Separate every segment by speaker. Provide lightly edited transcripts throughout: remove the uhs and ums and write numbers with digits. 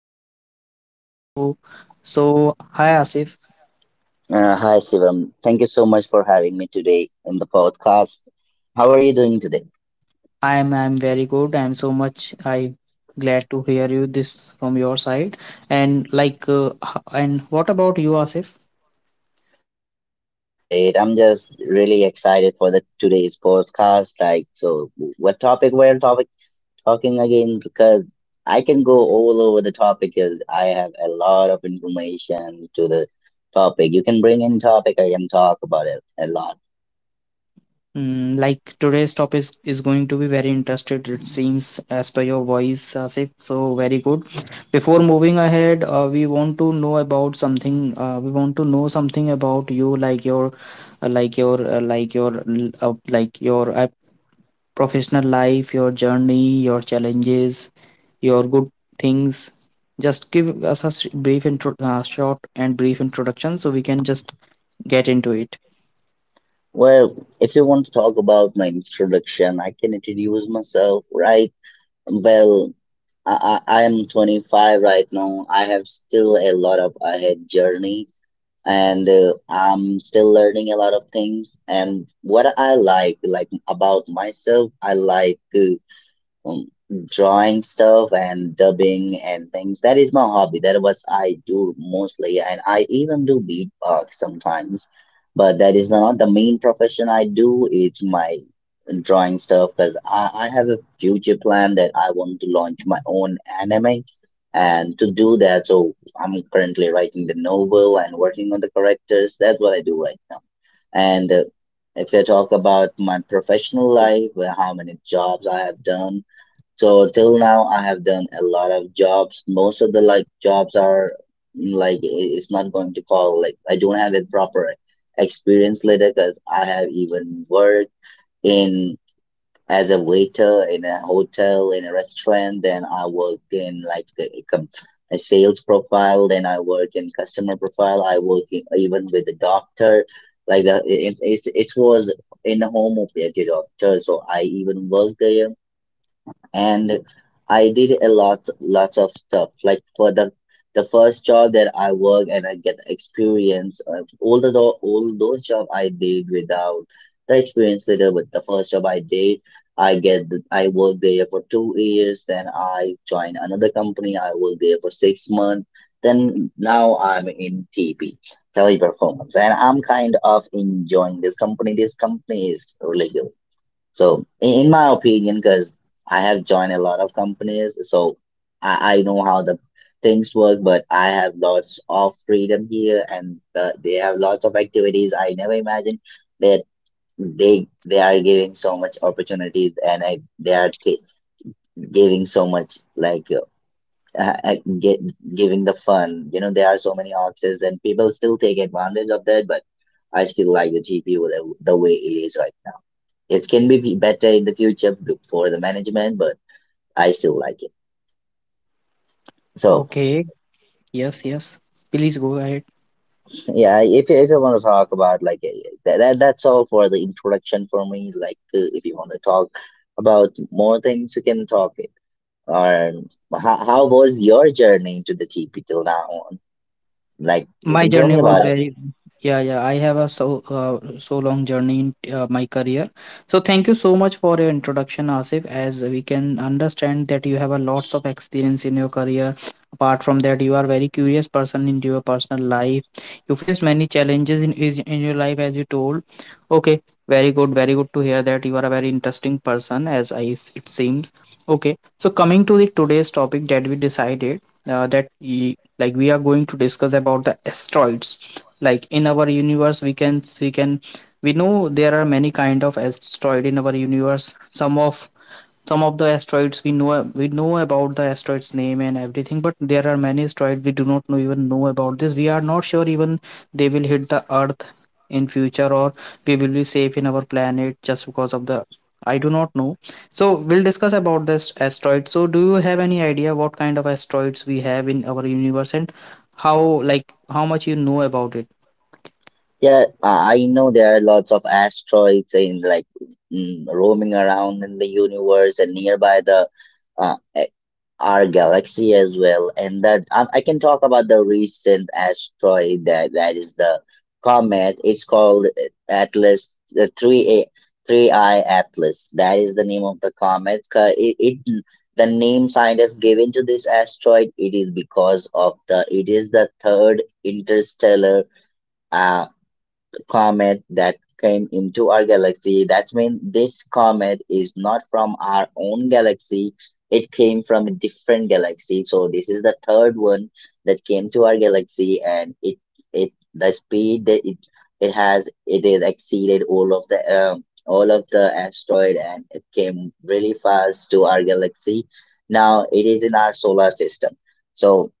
Speaker 1: Into working in BPO. So, hi Asif.
Speaker 2: Hi, Sivam. Thank you so much for having me today in the podcast. How are you doing today?
Speaker 1: I am very good. I am so much I glad to hear you this from your side. And like and what about you, Asif?
Speaker 2: I'm doing great. I'm just really excited for the today's podcast. Like, so what topic we're topic talking again? Because I can go all over the topic because I have a lot of information to the topic. You can bring any topic. I can talk about it a lot.
Speaker 1: Like today's topic is going to be very interested, it seems, as per your voice, Asif. So very good. Before moving ahead, we want to know about something. Uh, we want to know something about you, like your like your like your l- like your professional life, your journey, your challenges, your good things. Just give us a brief intro, short and brief introduction, so we can just get into it.
Speaker 2: Well, if you want to talk about my introduction, I can introduce myself, right? Well, I am 25 right now. I have still a lot of ahead journey and I'm still learning a lot of things. And what I like about myself, I like. um, drawing stuff and dubbing and things. That is my hobby. That was I do mostly, and I even do beatbox sometimes. But that is not the main profession I do. It's my drawing stuff because I have a future plan that I want to launch my own anime. And to do that, so I'm currently writing the novel and working on the characters. That's what I do right now. And if I talk about my professional life, well, how many jobs I have done, so till now, I have done a lot of jobs. Most of the like jobs are it's not going to call like I don't have a proper experience later because I have even worked in as a waiter in a hotel in a restaurant. Then I worked in like a sales profile. Then I work in customer profile. I work in, even with the doctor. Like it was in a home of a doctor. So I even worked there and I did a lots of stuff like for the first job that I work and I get experience of all all those job I did without the experience later. With the first job I did, I worked there for 2 years, then I joined another company. I worked there for 6 months, then now I'm in TP, teleperformance, and I'm kind of enjoying this company. This company is really good. So, in my opinion, because I have joined a lot of companies, so I know how the things work, but I have lots of freedom here, and they have lots of activities. I never imagined that they are giving so much opportunities, and I, they are t- giving so much uh, get, giving the fun, you know, there are so many options and people still take advantage of that, but I still like the TP, the way it is right now. It can be better in the future for the management, but I still like it. So
Speaker 1: Okay, yes, yes, please go ahead.
Speaker 2: yeah, if you want to talk about like that's all for the introduction for me. Like if you want to talk about more things, you can talk it. Or how was your journey to the TP till now on? Like you
Speaker 1: My
Speaker 2: can tell
Speaker 1: journey
Speaker 2: me
Speaker 1: was
Speaker 2: about it.
Speaker 1: very, yeah, yeah, I have a so so long journey in my career. So thank you so much for your introduction, Asif. As we can understand that you have a lots of experience in your career, apart from that you are very curious person in your personal life. You faced many challenges in in your life, as you told. Okay. Very good, very good to hear that you are a very interesting person, as I it seems. Okay, so coming to the today's topic that we decided, that like we are going to discuss about the asteroids. Like in our universe, we can, we know there are many kind of asteroid in our universe. Some of the asteroids we know. We know about the asteroids name and everything, but there are many asteroids we do not know, even know about this. We are not sure even they will hit the earth in future, or we will be safe in our planet just because of the, I do not know. So we'll discuss about this asteroid. So do you have any idea what kind of asteroids we have in our universe and how, like how much you know about it?
Speaker 2: Yeah, I know there are lots of asteroids in like roaming around in the universe and nearby the. Uh, eh, our galaxy as well. And that I can talk about the recent asteroid. That is the comet. It's called atlas, the 3a 3i atlas. That is the name of the comet. Ca- it The name scientists given to this asteroid. It is because of the it is the third interstellar uh, comet that came into our galaxy. That means this comet is not from our own galaxy. It came from a different galaxy. So this is the third one that came to our galaxy, and it the speed that it has exceeded all of the asteroid, and it came really fast to our galaxy. Now it is in our solar system. So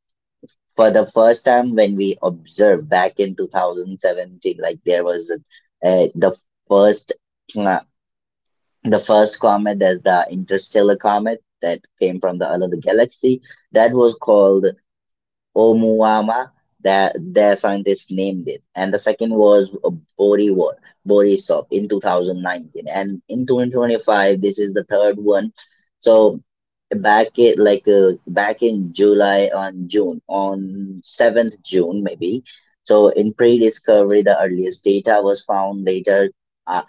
Speaker 2: for the first time when we observed back in 2017, like there was a, first uh, the first comet, that's the interstellar comet that came from the another galaxy, that was called Oumuamua, that their scientists named it. And the second was Borisov, Borisov in 2019, and in 2025 this is the third one. So back it like back in July, on June, on 7th June maybe. So in pre-discovery, the earliest data was found later. uh,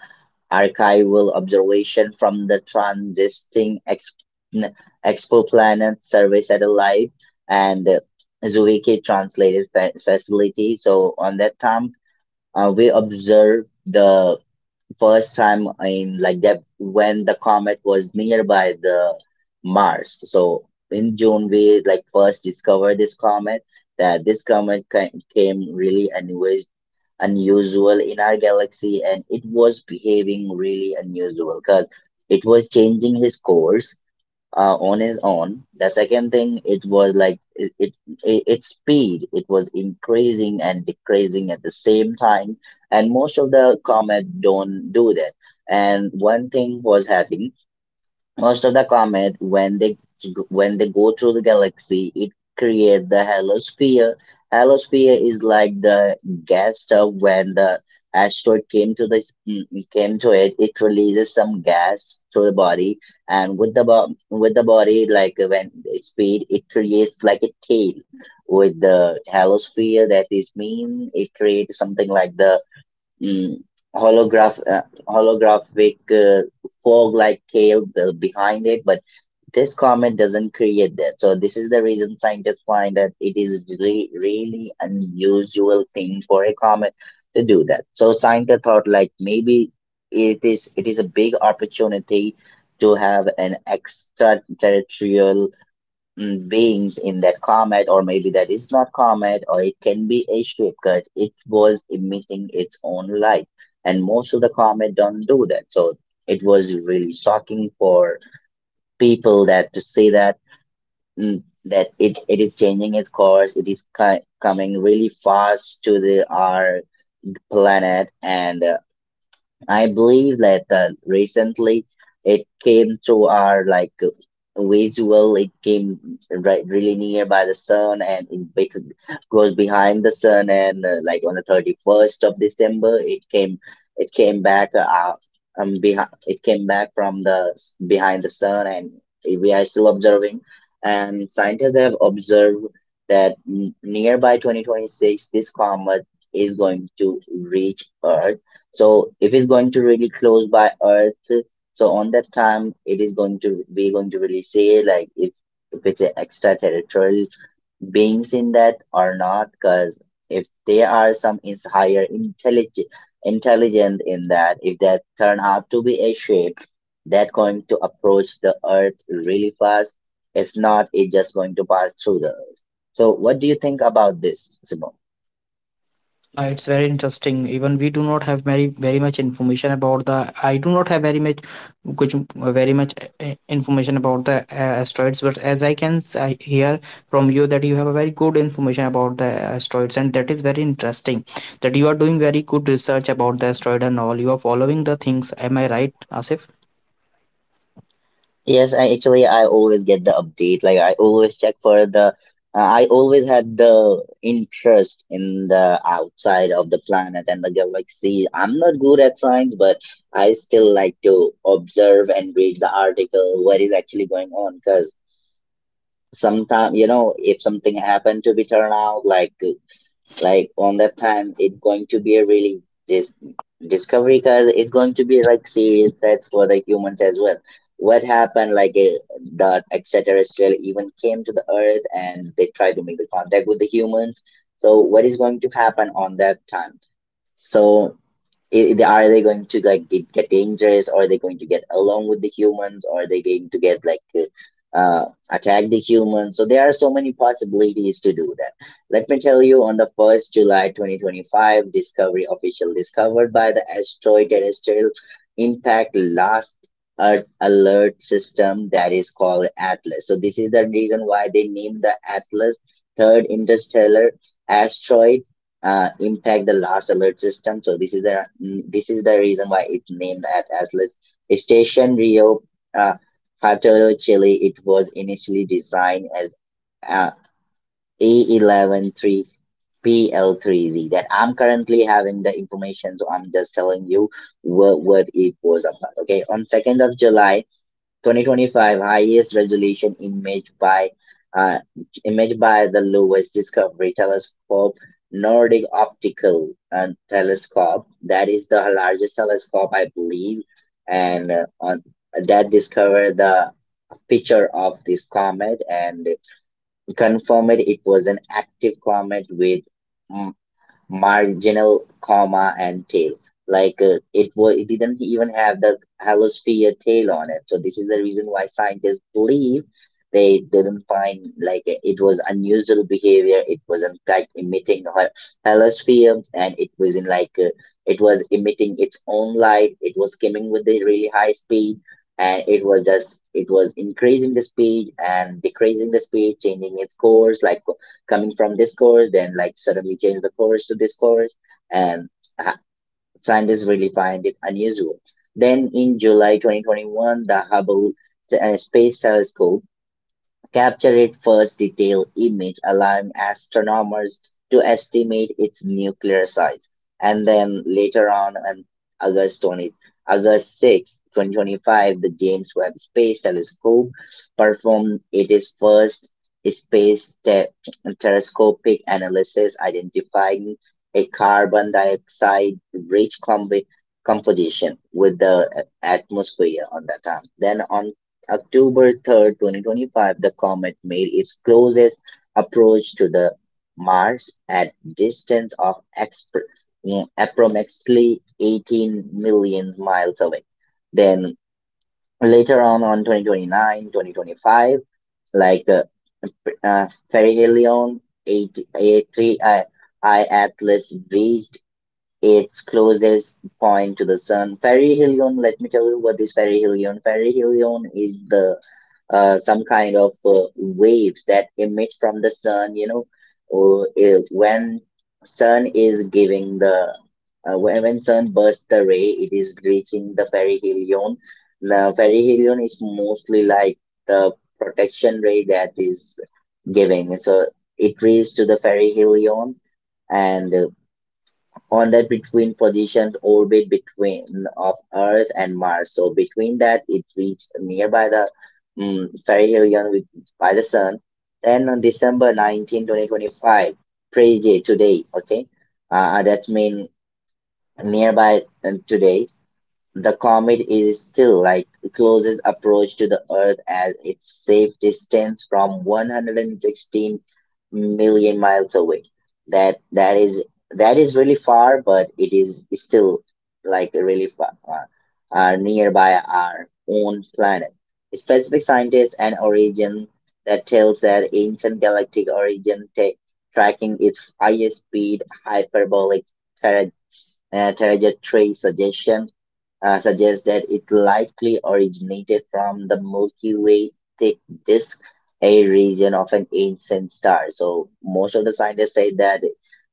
Speaker 2: Archival observation from the n- Exoplanet Survey satellite and Zwicky Translated Facility. So on that time, we observed the first time in like that when the comet was nearby the Mars. So in June, we like first discovered this comet. That this comet came really unusual in our galaxy, and it was behaving really unusual because it was changing his course on his own. The second thing it was like its speed, it was increasing and decreasing at the same time, and most of the comet don't do that. And one thing was happening: most of the comet, when they go through the galaxy, it create the halosphere. Halosphere is like the gas stuff when the asteroid came to this came to it. It releases some gas through the body, and with with the body, like when it speed, it creates like a tail. With the halosphere, that is mean it creates something like the mm, holograph uh, holographic fog like cloud behind it, but this comet doesn't create that. So this is the reason scientists find that it is really really unusual thing for a comet to do that. So scientists thought like maybe it is a big opportunity to have an extraterrestrial beings in that comet, or maybe that is not comet, or it can be a ship because it was emitting its own light, and most of the comet don't do that. So it was really shocking for people that to see that that it is changing its course, it is coming really fast to the our planet. And I believe that recently it came to our like visual. It came right really near by the sun, and goes behind the sun. And like on the 31st of December, it came. It came back. Behind. It came back from behind the sun, and we are still observing. And scientists have observed that nearby 2026, this comet is going to reach Earth. So if it's going to really close by Earth, so on that time it is going to be going to really say like if it's an extraterrestrial beings in that or not, because if there are some is higher intelligent in that, if that turn out to be a ship, that going to approach the Earth really fast. If not, it just going to pass through the Earth. So what do you think about this, Simon?
Speaker 1: Yeah, it's very interesting. Even we do not have very very much information about the. I do not have very much, which very much information about the asteroids. But as I can I hear from you that you have a very good information about the asteroids, and that is very interesting. That you are doing very good research about the asteroid and all. You are following the things. Am I right, Asif?
Speaker 2: Yes, I always get the update. Like I always check for the. I always had the interest in the outside of the planet and the galaxy. I'm not good at science, but I still like to observe and read the article what is actually going on. Because sometimes, you know, if something happened to be turned out like on that time it's going to be a really dis- discovery, because it's going to be like serious threats for the humans as well. What happened like the extraterrestrial even came to the earth and they tried to make the contact with the humans. So what is going to happen on that time? So they going to like get dangerous, or are they going to get along with the humans, or are they going to get like uh attack the humans? So there are so many possibilities to do that. Let me tell you, on the 1st july 2025 discovery, official discovered by the asteroid terrestrial impact last earth alert system, that is called atlas. So this is the reason why they named the atlas third interstellar asteroid, impact the last alert system. So this is this is the reason why it's named as Atlas Station Rio, uh, Hato, Chile. It was initially designed as uh, A113PL3Z. That I'm currently having the information, so I'm just telling you what it was about. Okay, on 2nd of July. 2025 highest resolution image by uh, the lowest discovery telescope, Nordic Optical telescope, that is the largest telescope I believe, and that discovered the picture of this comet and confirmed it was an active comet with mm, marginal comma and tail. It was it didn't even have the halosphere tail on it, so this is the reason why scientists believe they didn't find it was unusual behavior. It wasn't like emitting halosphere, and it was in it was emitting its own light. It was skimming with the really high speed, and it was increasing the speed and decreasing the speed, changing its course, like coming from this course, then like suddenly change the course to this course. And uh, scientists really find it unusual. Then in July 2021, the Hubble Space Telescope capture its first detailed image, allowing astronomers to estimate its nuclear size. And then later on August 20, August 6, 2025, the James Webb Space Telescope performed its first space te- telescopic analysis, identifying a carbon dioxide rich combi composition with the atmosphere on that time. Then on October 3rd, 2025, the comet made its closest approach to the Mars at distance of approximately 18 million miles away. Then later on 2025, like uh, Perihelion 83 I Atlas reached its closest point to the sun. Perihelion, let me tell you what is perihelion. Perihelion is the some kind of waves that emit from the sun, you know, or when sun is giving the when, sun bursts the ray, it is reaching the perihelion. The perihelion is mostly like the protection ray that is giving, so it reaches to the perihelion. And on that between positioned orbit between of Earth and Mars. So between that, it reached nearby the perihelion with, by the Sun. Then on December 19, 2025, praise day today. Okay, that's mean nearby today. The comet is still like closest approach to the Earth as its safe distance from 116 million miles away. That is really far, but it is still like really far, nearby our own planet. Specific scientists and origin that tells that ancient galactic origin, tracking its highest speed hyperbolic tra- trajectory suggestion suggests that it likely originated from the Milky Way thick disk, a region of an ancient star. So most of the scientists say that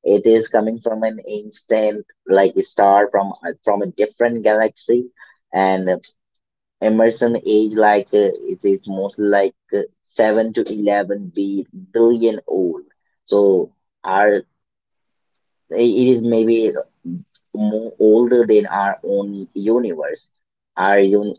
Speaker 2: it is coming from an ancient like star from a different galaxy. And Emerson age it is mostly 7 to 11 b billion old. So our it is maybe more older than our own universe. Our un-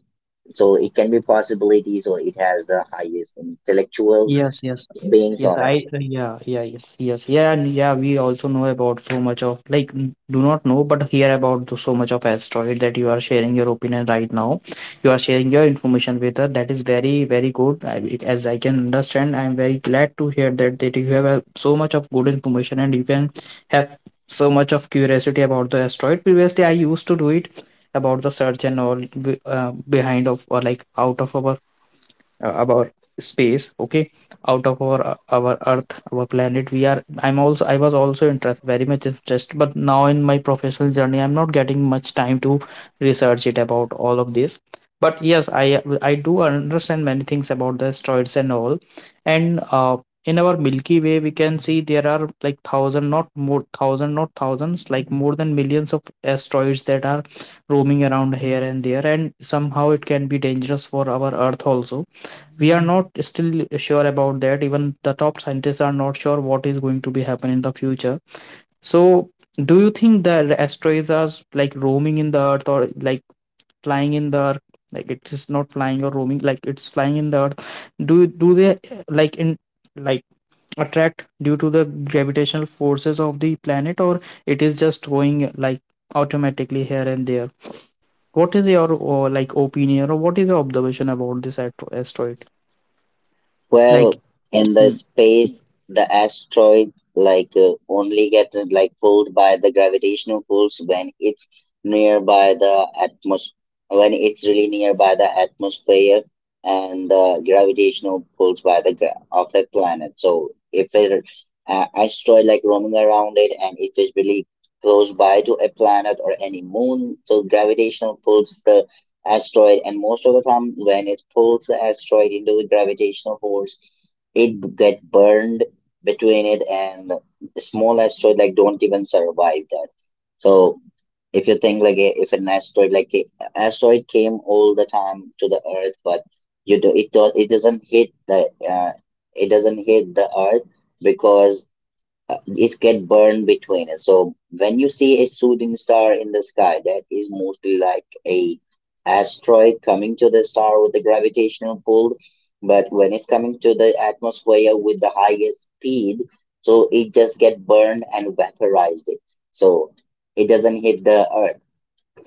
Speaker 2: so it can be possibilities, or it has the highest intellectual
Speaker 1: Yes, yes,
Speaker 2: beings
Speaker 1: yes.
Speaker 2: on it.
Speaker 1: Yes, yes, yeah, and yeah. We also know about so much of, like, do not know, but hear about the so much of asteroid that you are sharing your opinion right now. You are sharing your information with us. That is very, very good. As I can understand, I am very glad to hear that that you have a so much of good information, and you can have so much of curiosity about the asteroid. Previously, I used to do it about the search and all behind of, or like, out of our about space. Okay. Out of our earth, our planet, we are, I'm also, I was also interested, very much interested, but now in my professional journey I'm not getting much time to research it about all of this. But yes, I do understand many things about the asteroids and all. And in our Milky Way, we can see there are like thousand, not more thousand, not thousands, like more than millions of asteroids that are roaming around here and there, and somehow it can be dangerous for our earth also. We are not still sure about that. Even the top scientists are not sure what is going to be happen in the future. So do you think that asteroids are like roaming in the earth, or like flying in the earth? Like, it is not flying or roaming, like it's flying in the earth. Do they, like in, like, attract due to the gravitational forces of the planet, or it is just going, like, automatically here and there? What is your like opinion, or what is your observation about this asteroid, like,
Speaker 2: Well, in the
Speaker 1: hmm.
Speaker 2: space, the asteroid only get like pulled by the gravitational pulls when it's nearby the atmosphere, when it's really nearby the atmosphere and the gravitational pulls by the gra of a planet. So if a asteroid like roaming around it, and if it's really close by to a planet or any moon, so gravitational pulls the asteroid, and most of the time when it pulls the asteroid into the gravitational force, it get burned between it, and the small asteroid like don't even survive that. So if you think like if an asteroid asteroid came all the time to the earth, but you do, it doesn't hit the it doesn't hit the earth because it get burned between it. So when you see a shooting star in the sky, that is mostly like a asteroid coming to the star with the gravitational pull. But when it's coming to the atmosphere with the highest speed, so it just get burned and vaporized it. So it doesn't hit the earth.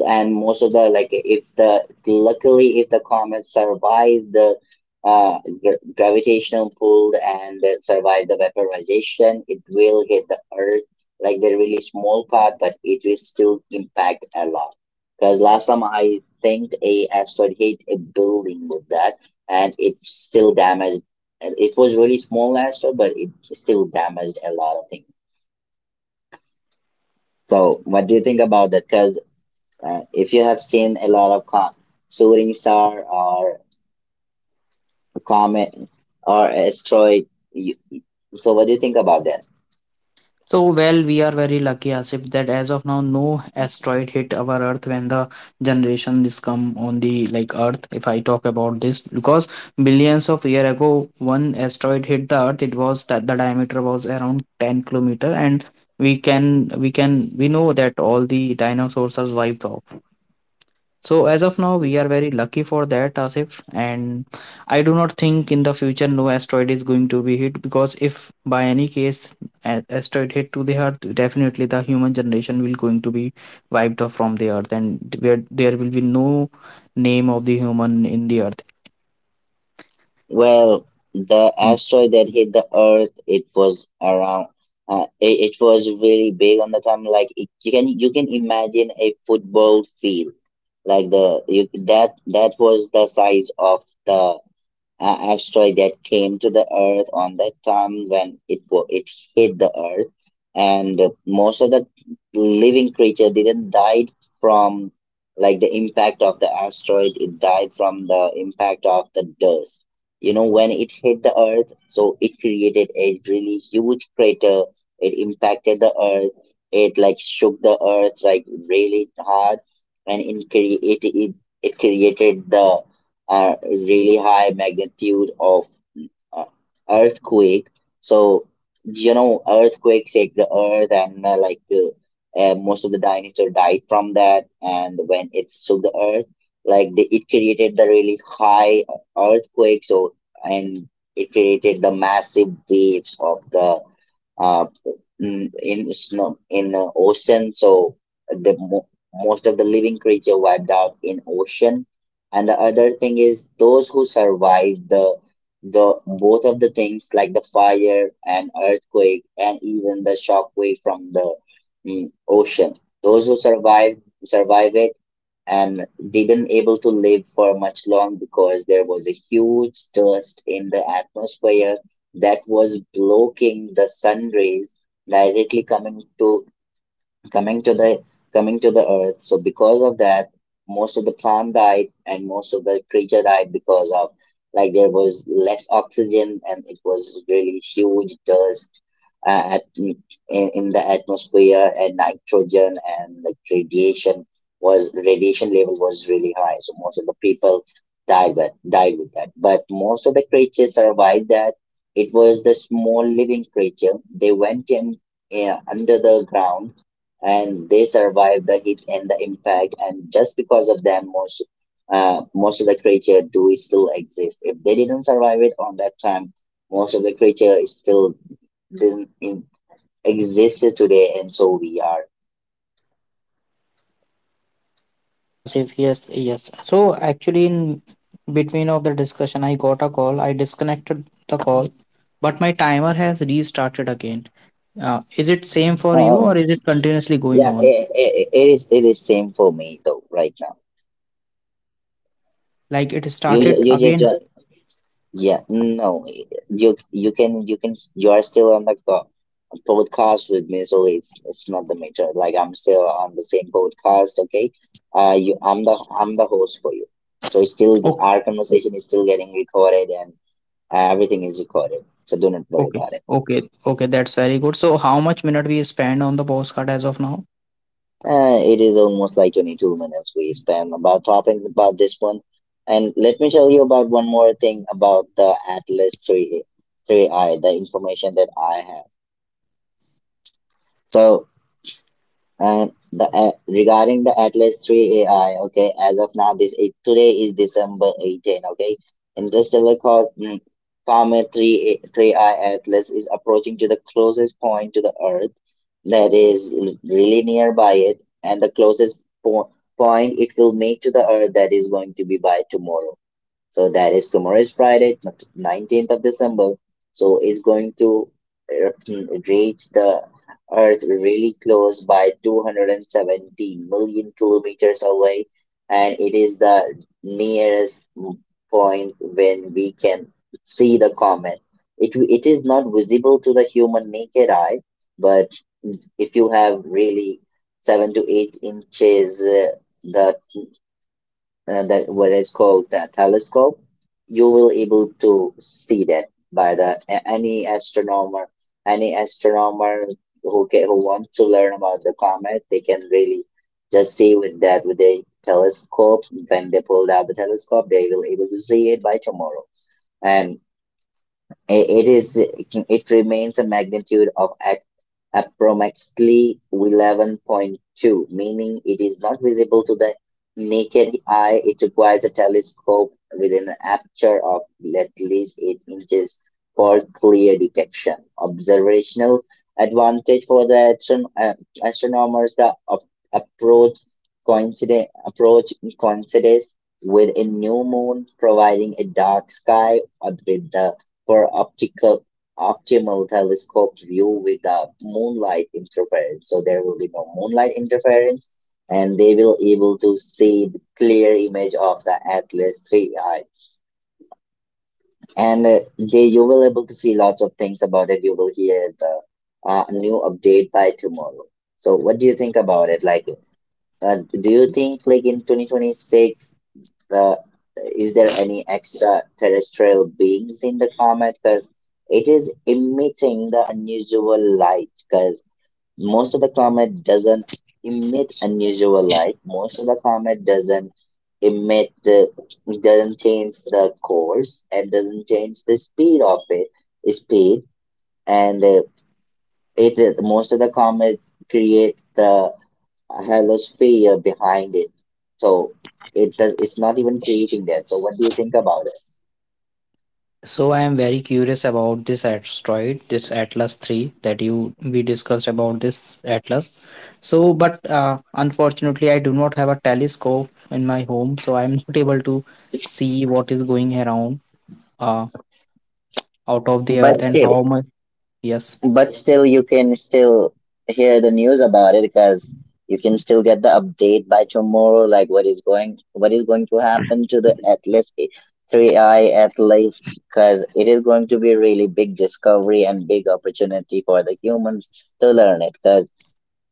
Speaker 2: And most of the like if the luckily if the comet survived the gravitational pull and then survive the vaporization, it will hit the earth like the really small part, but it will still impact a lot, because last time I think a asteroid hit a building with that, and it still damaged, and it was really small asteroid, but it still damaged a lot of things. So what do you think about that? Because if you have seen a lot of shooting star or a comet or asteroid, you, so what do you think about that?
Speaker 1: So, well, we are very lucky, Asif, that as of now, no asteroid hit our Earth when the generation this come on the like Earth. If I talk about this, because billions of year ago, one asteroid hit the Earth. It was that the diameter was around 10 kilometers, and we can, we know that all the dinosaurs are wiped off. So as of now, we are very lucky for that, Asif. And I do not think in the future no asteroid is going to be hit, because if by any case an asteroid hit to the Earth, definitely the human generation will going to be wiped off from the Earth, and where there will be no name of the human in the Earth.
Speaker 2: Well, the asteroid that hit the Earth, it was around. It was really big on the time. Like you can imagine a football field, like that that was the size of the asteroid that came to the Earth on that time when it hit the Earth, and most of the living creature didn't die from like the impact of the asteroid. It died from the impact of the dust. You know, when it hit the Earth, so it created a really huge crater. It impacted the Earth. It like shook the Earth like really hard, and it created the a really high magnitude of uh, earthquake. So you know, earthquakes shake the earth, and most of the dinosaur died from that. And when it shook the earth, like it created the really high earthquake. So and it created the massive waves of the uh, in snow in ocean. So the mo- most of the living creature wiped out in ocean. And the other thing is, those who survived the both of the things like the fire and earthquake and even the shock wave from the ocean. Those who survived Survived and didn't able to live for much long because there was a huge dust in the atmosphere that was blocking the sun rays directly coming to coming to the coming to the earth. So because of that, most of the plant died and most of the creature died because of like there was less oxygen, and it was really huge dust uh, at, in, in the atmosphere, and nitrogen and like radiation was radiation level was really high. So most of the people died with that, but most of the creatures survived that. It was the small living creature. They went in under the ground, and they survive the hit and the impact, and just because of them most most of the creature do still exist. If they didn't survive it on that time, most of the creature is still didn't in, exist today, and so we are
Speaker 1: Yes, Asif. Yes, yes. So actually, in between of the discussion, I got a call. I disconnected the call, but my timer has restarted again. Is it same for you, or
Speaker 2: um
Speaker 1: is it continuously going
Speaker 2: yeah.
Speaker 1: on?
Speaker 2: It is it is same for me though right now.
Speaker 1: Like, it
Speaker 2: You ju-
Speaker 1: started
Speaker 2: you just
Speaker 1: again?
Speaker 2: jo- Yeah, no, you can you are still on like the podcast with me, so it's not the matter. Like, I'm still on the same podcast, okay? I'm the host for you, so it's still
Speaker 1: Oh,
Speaker 2: our conversation is still getting recorded, and everything is recorded. So do not worry
Speaker 1: okay,
Speaker 2: about it.
Speaker 1: okay, okay. That's very good. So how much minute we spend on the postcard as of now?
Speaker 2: It is almost like 22 minutes we spent about talking about this one, and let me tell you about one more thing about the Atlas Three I, the information that I have. so. And the regarding the Atlas 3 AI, okay, as of now, this is, today is December 18, okay. Interstellar Co- mm, Comet 3 3i Atlas is approaching to the closest point to the Earth, that is really nearby it, and the closest po point it will make to the Earth, that is going to be by tomorrow. So that is tomorrow is Friday, 19th of December. So it's going to uh, reach the Earth really close by 270 million kilometers away, and it is the nearest point when we can see the comet. It is not visible to the human naked eye, but if you have really 7 to 8 inches, the that what is called the telescope, you will able to see that by any astronomer who can, who wants to learn about the comet, they can really just see with that with the telescope. When they pulled out the telescope, they will able to see it by tomorrow. And it remains a magnitude of approximately 11.2, meaning it is not visible to the naked eye. It requires a telescope with an aperture of at least 8 inches for clear detection. Observational advantage for the astronomers: the approach coincides with a new moon, providing a dark sky with the for optical optimal telescope view with the moonlight interference. So there will be no moonlight interference, and they will able to see the clear image of the Atlas 3i. And they you will able to see lots of things about it. You will hear the new update by tomorrow. So what do you think about it? Like, do you think like in 2026? The Is there any extraterrestrial beings in the comet? Because it is emitting the unusual light, because most of the comet doesn't emit unusual light, most of the comet doesn't emit the doesn't change the course and doesn't change the speed of it speed and it most of the comet create the a halosphere behind it. So it does, it's not even creating that. So what do you think about it?
Speaker 1: So I am very curious about this asteroid, this Atlas 3 that you we discussed about this Atlas. So, but unfortunately, I do not have a telescope in my home, so I am not able to see what is going around uh, out of the
Speaker 2: But
Speaker 1: earth and
Speaker 2: still,
Speaker 1: how much. Yes,
Speaker 2: but still, you can still hear the news about it, because you can still get the update by tomorrow, like what is going to happen to the Atlas three I Atlas, because it is going to be really big discovery and big opportunity for the humans to learn it. 'Cause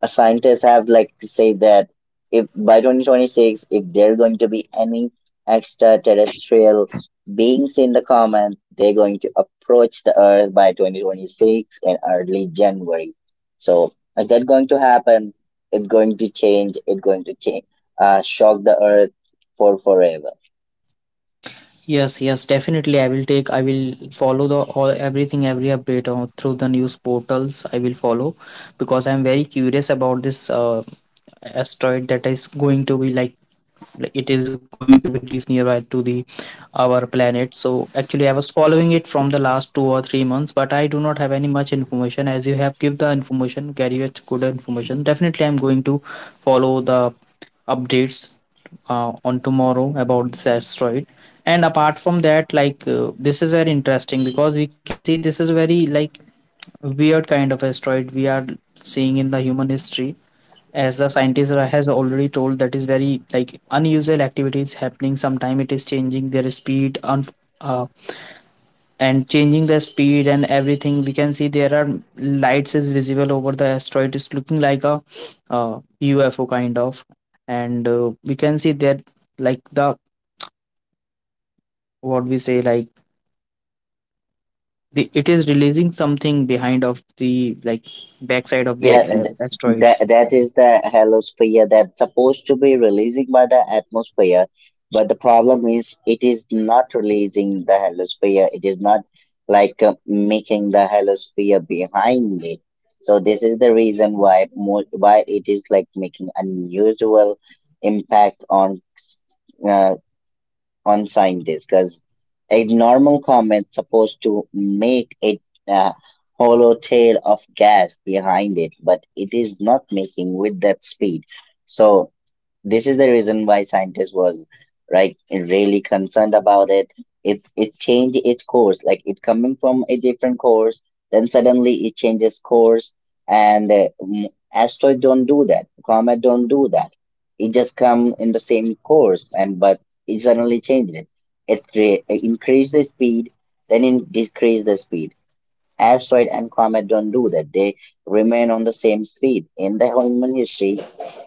Speaker 2: scientists have like said that if by 2026, if there are going to be any extraterrestrial beings in the common, they're going to approach the earth by 2026 in early January. So is that going to happen? It's going to change, it's going to change, shock the earth for forever.
Speaker 1: yes, yes. Definitely, I will take. I will follow the all everything, every update on, through the news portals. I will follow because I am very curious about this asteroid that is going to be like it is going to be released nearby to the our planet. So actually I was following it from the last 2 or 3 months, but I do not have any much information. As you have give the information, carry a good information, definitely I'm going to follow the updates on tomorrow about this asteroid. And apart from that, like this is very interesting, because we can see this is very, like, weird kind of asteroid we are seeing in the human history. As the scientist has already told, that is very, like, unusual activities happening sometime. It is changing their speed on, uh, and changing the speed and everything. We can see there are lights is visible over the asteroid. It is looking like a UFO kind of. And we can see that, like, the, what we say, like, the, it is releasing something behind of the, like, backside of
Speaker 2: Yeah,
Speaker 1: the
Speaker 2: and that
Speaker 1: asteroids.
Speaker 2: that is the heliosphere that's supposed to be releasing by the atmosphere, but the problem is it is not releasing the heliosphere. It is not making the heliosphere behind it. So this is the reason why mo why it is like making unusual impact uh, on scientists, because a normal comet supposed to make it a hollow tail of gas behind it, but it is not making with that speed. So this is the reason why scientists was like really concerned about it. It changed its course, like it coming from a different course, then suddenly it changes course. Asteroid don't do that, comet don't do that. It just come in the same course, and but it suddenly changed it. Increased the speed, then it decreased the speed. Asteroid and comet don't do that. They remain on the same speed. In the human history,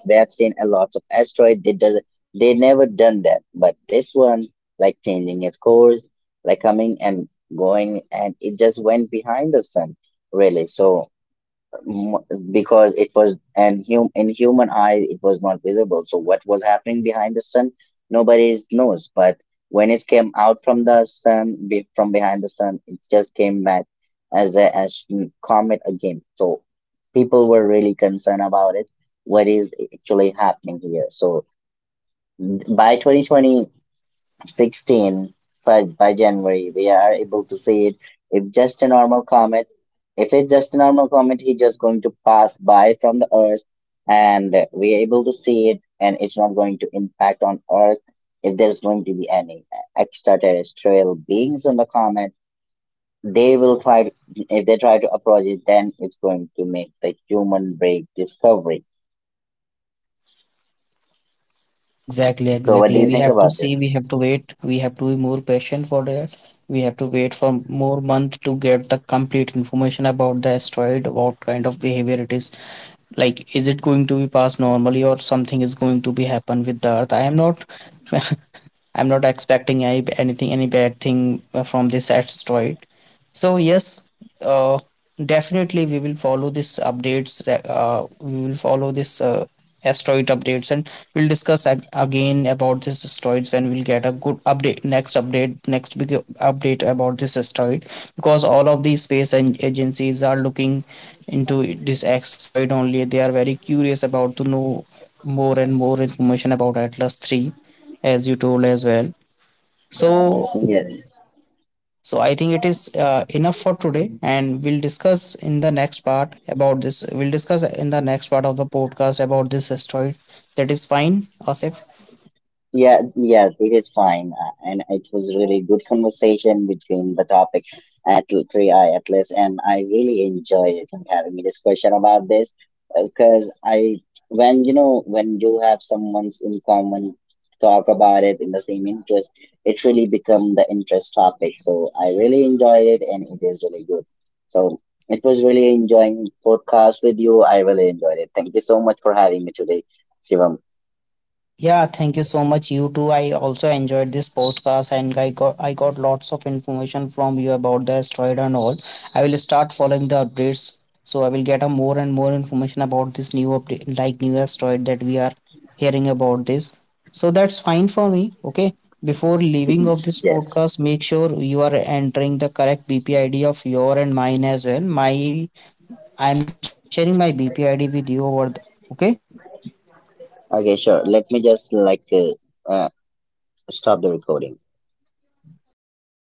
Speaker 2: we have seen a lot of asteroid. They does they never done that. But this one, like changing its course, like coming and going, and it just went behind the sun, really. So m- because it was an human eye, it was not visible, so what was happening behind the sun nobody knows. But when it came out from the from behind the sun, it just came back as a as comet again. So people were really concerned about it, what is actually happening here. So by 2020 16 by January, we are able to see it. If just a normal comet, if it's just a normal comet, he's just going to pass by from the Earth, and we are able to see it, and it's not going to impact on Earth. If there's going to be any extraterrestrial beings on the comet, they will try to, if they try to approach it, then it's going to make the human break discovery.
Speaker 1: Exactly,
Speaker 2: So, what do
Speaker 1: exactly.
Speaker 2: you
Speaker 1: We
Speaker 2: think
Speaker 1: have to
Speaker 2: about
Speaker 1: see, we
Speaker 2: this?
Speaker 1: have to wait, we have to be more patient for that. We have to wait for more month to get the complete information about the asteroid, what kind of behavior it is. Like, is it going to be passed normally, or something is going to be happen with the Earth? I am not I'm not expecting any, anything, any bad thing from this asteroid. So yes, uh, definitely we will follow this updates, we will follow this asteroid updates, and we'll discuss again about this asteroids when we'll get a good update, next update, next big update about this asteroid, because all of these space and agencies are looking into this asteroid only. They are very curious about to know more and more information about Atlas 3, as you told as well. So,
Speaker 2: Yes.
Speaker 1: so I think it is enough for today, and we'll discuss in the next part about this. We'll discuss in the next part of the podcast about this asteroid. That is fine, Asif.
Speaker 2: Yeah, yeah, it is fine. And it was really good conversation between the topic at 3i Atlas, and I really enjoyed it, like, having a discussion about this, because when you know, when you have someone's in common talk about it in the same interest, it really become the interest topic. So I really enjoyed it, and it is really good. So it was really enjoying podcast with you. I really enjoyed it. Thank you so much for having me today, Shivam.
Speaker 1: Yeah, thank you so much. You too. I also enjoyed this podcast, and I got lots of information from you about the asteroid and all. I will start following the updates. So I will get a more and more information about this new update, like new asteroid that we are hearing about this. So that's fine for me. Okay. Before leaving of this
Speaker 2: Yes.
Speaker 1: podcast, make sure you are entering the correct BP ID of your and mine as well. My I am sharing my BP ID with you over the, okay?
Speaker 2: Okay, sure. Let me just uh, stop the recording.
Speaker 1: Yeah, sure, sure.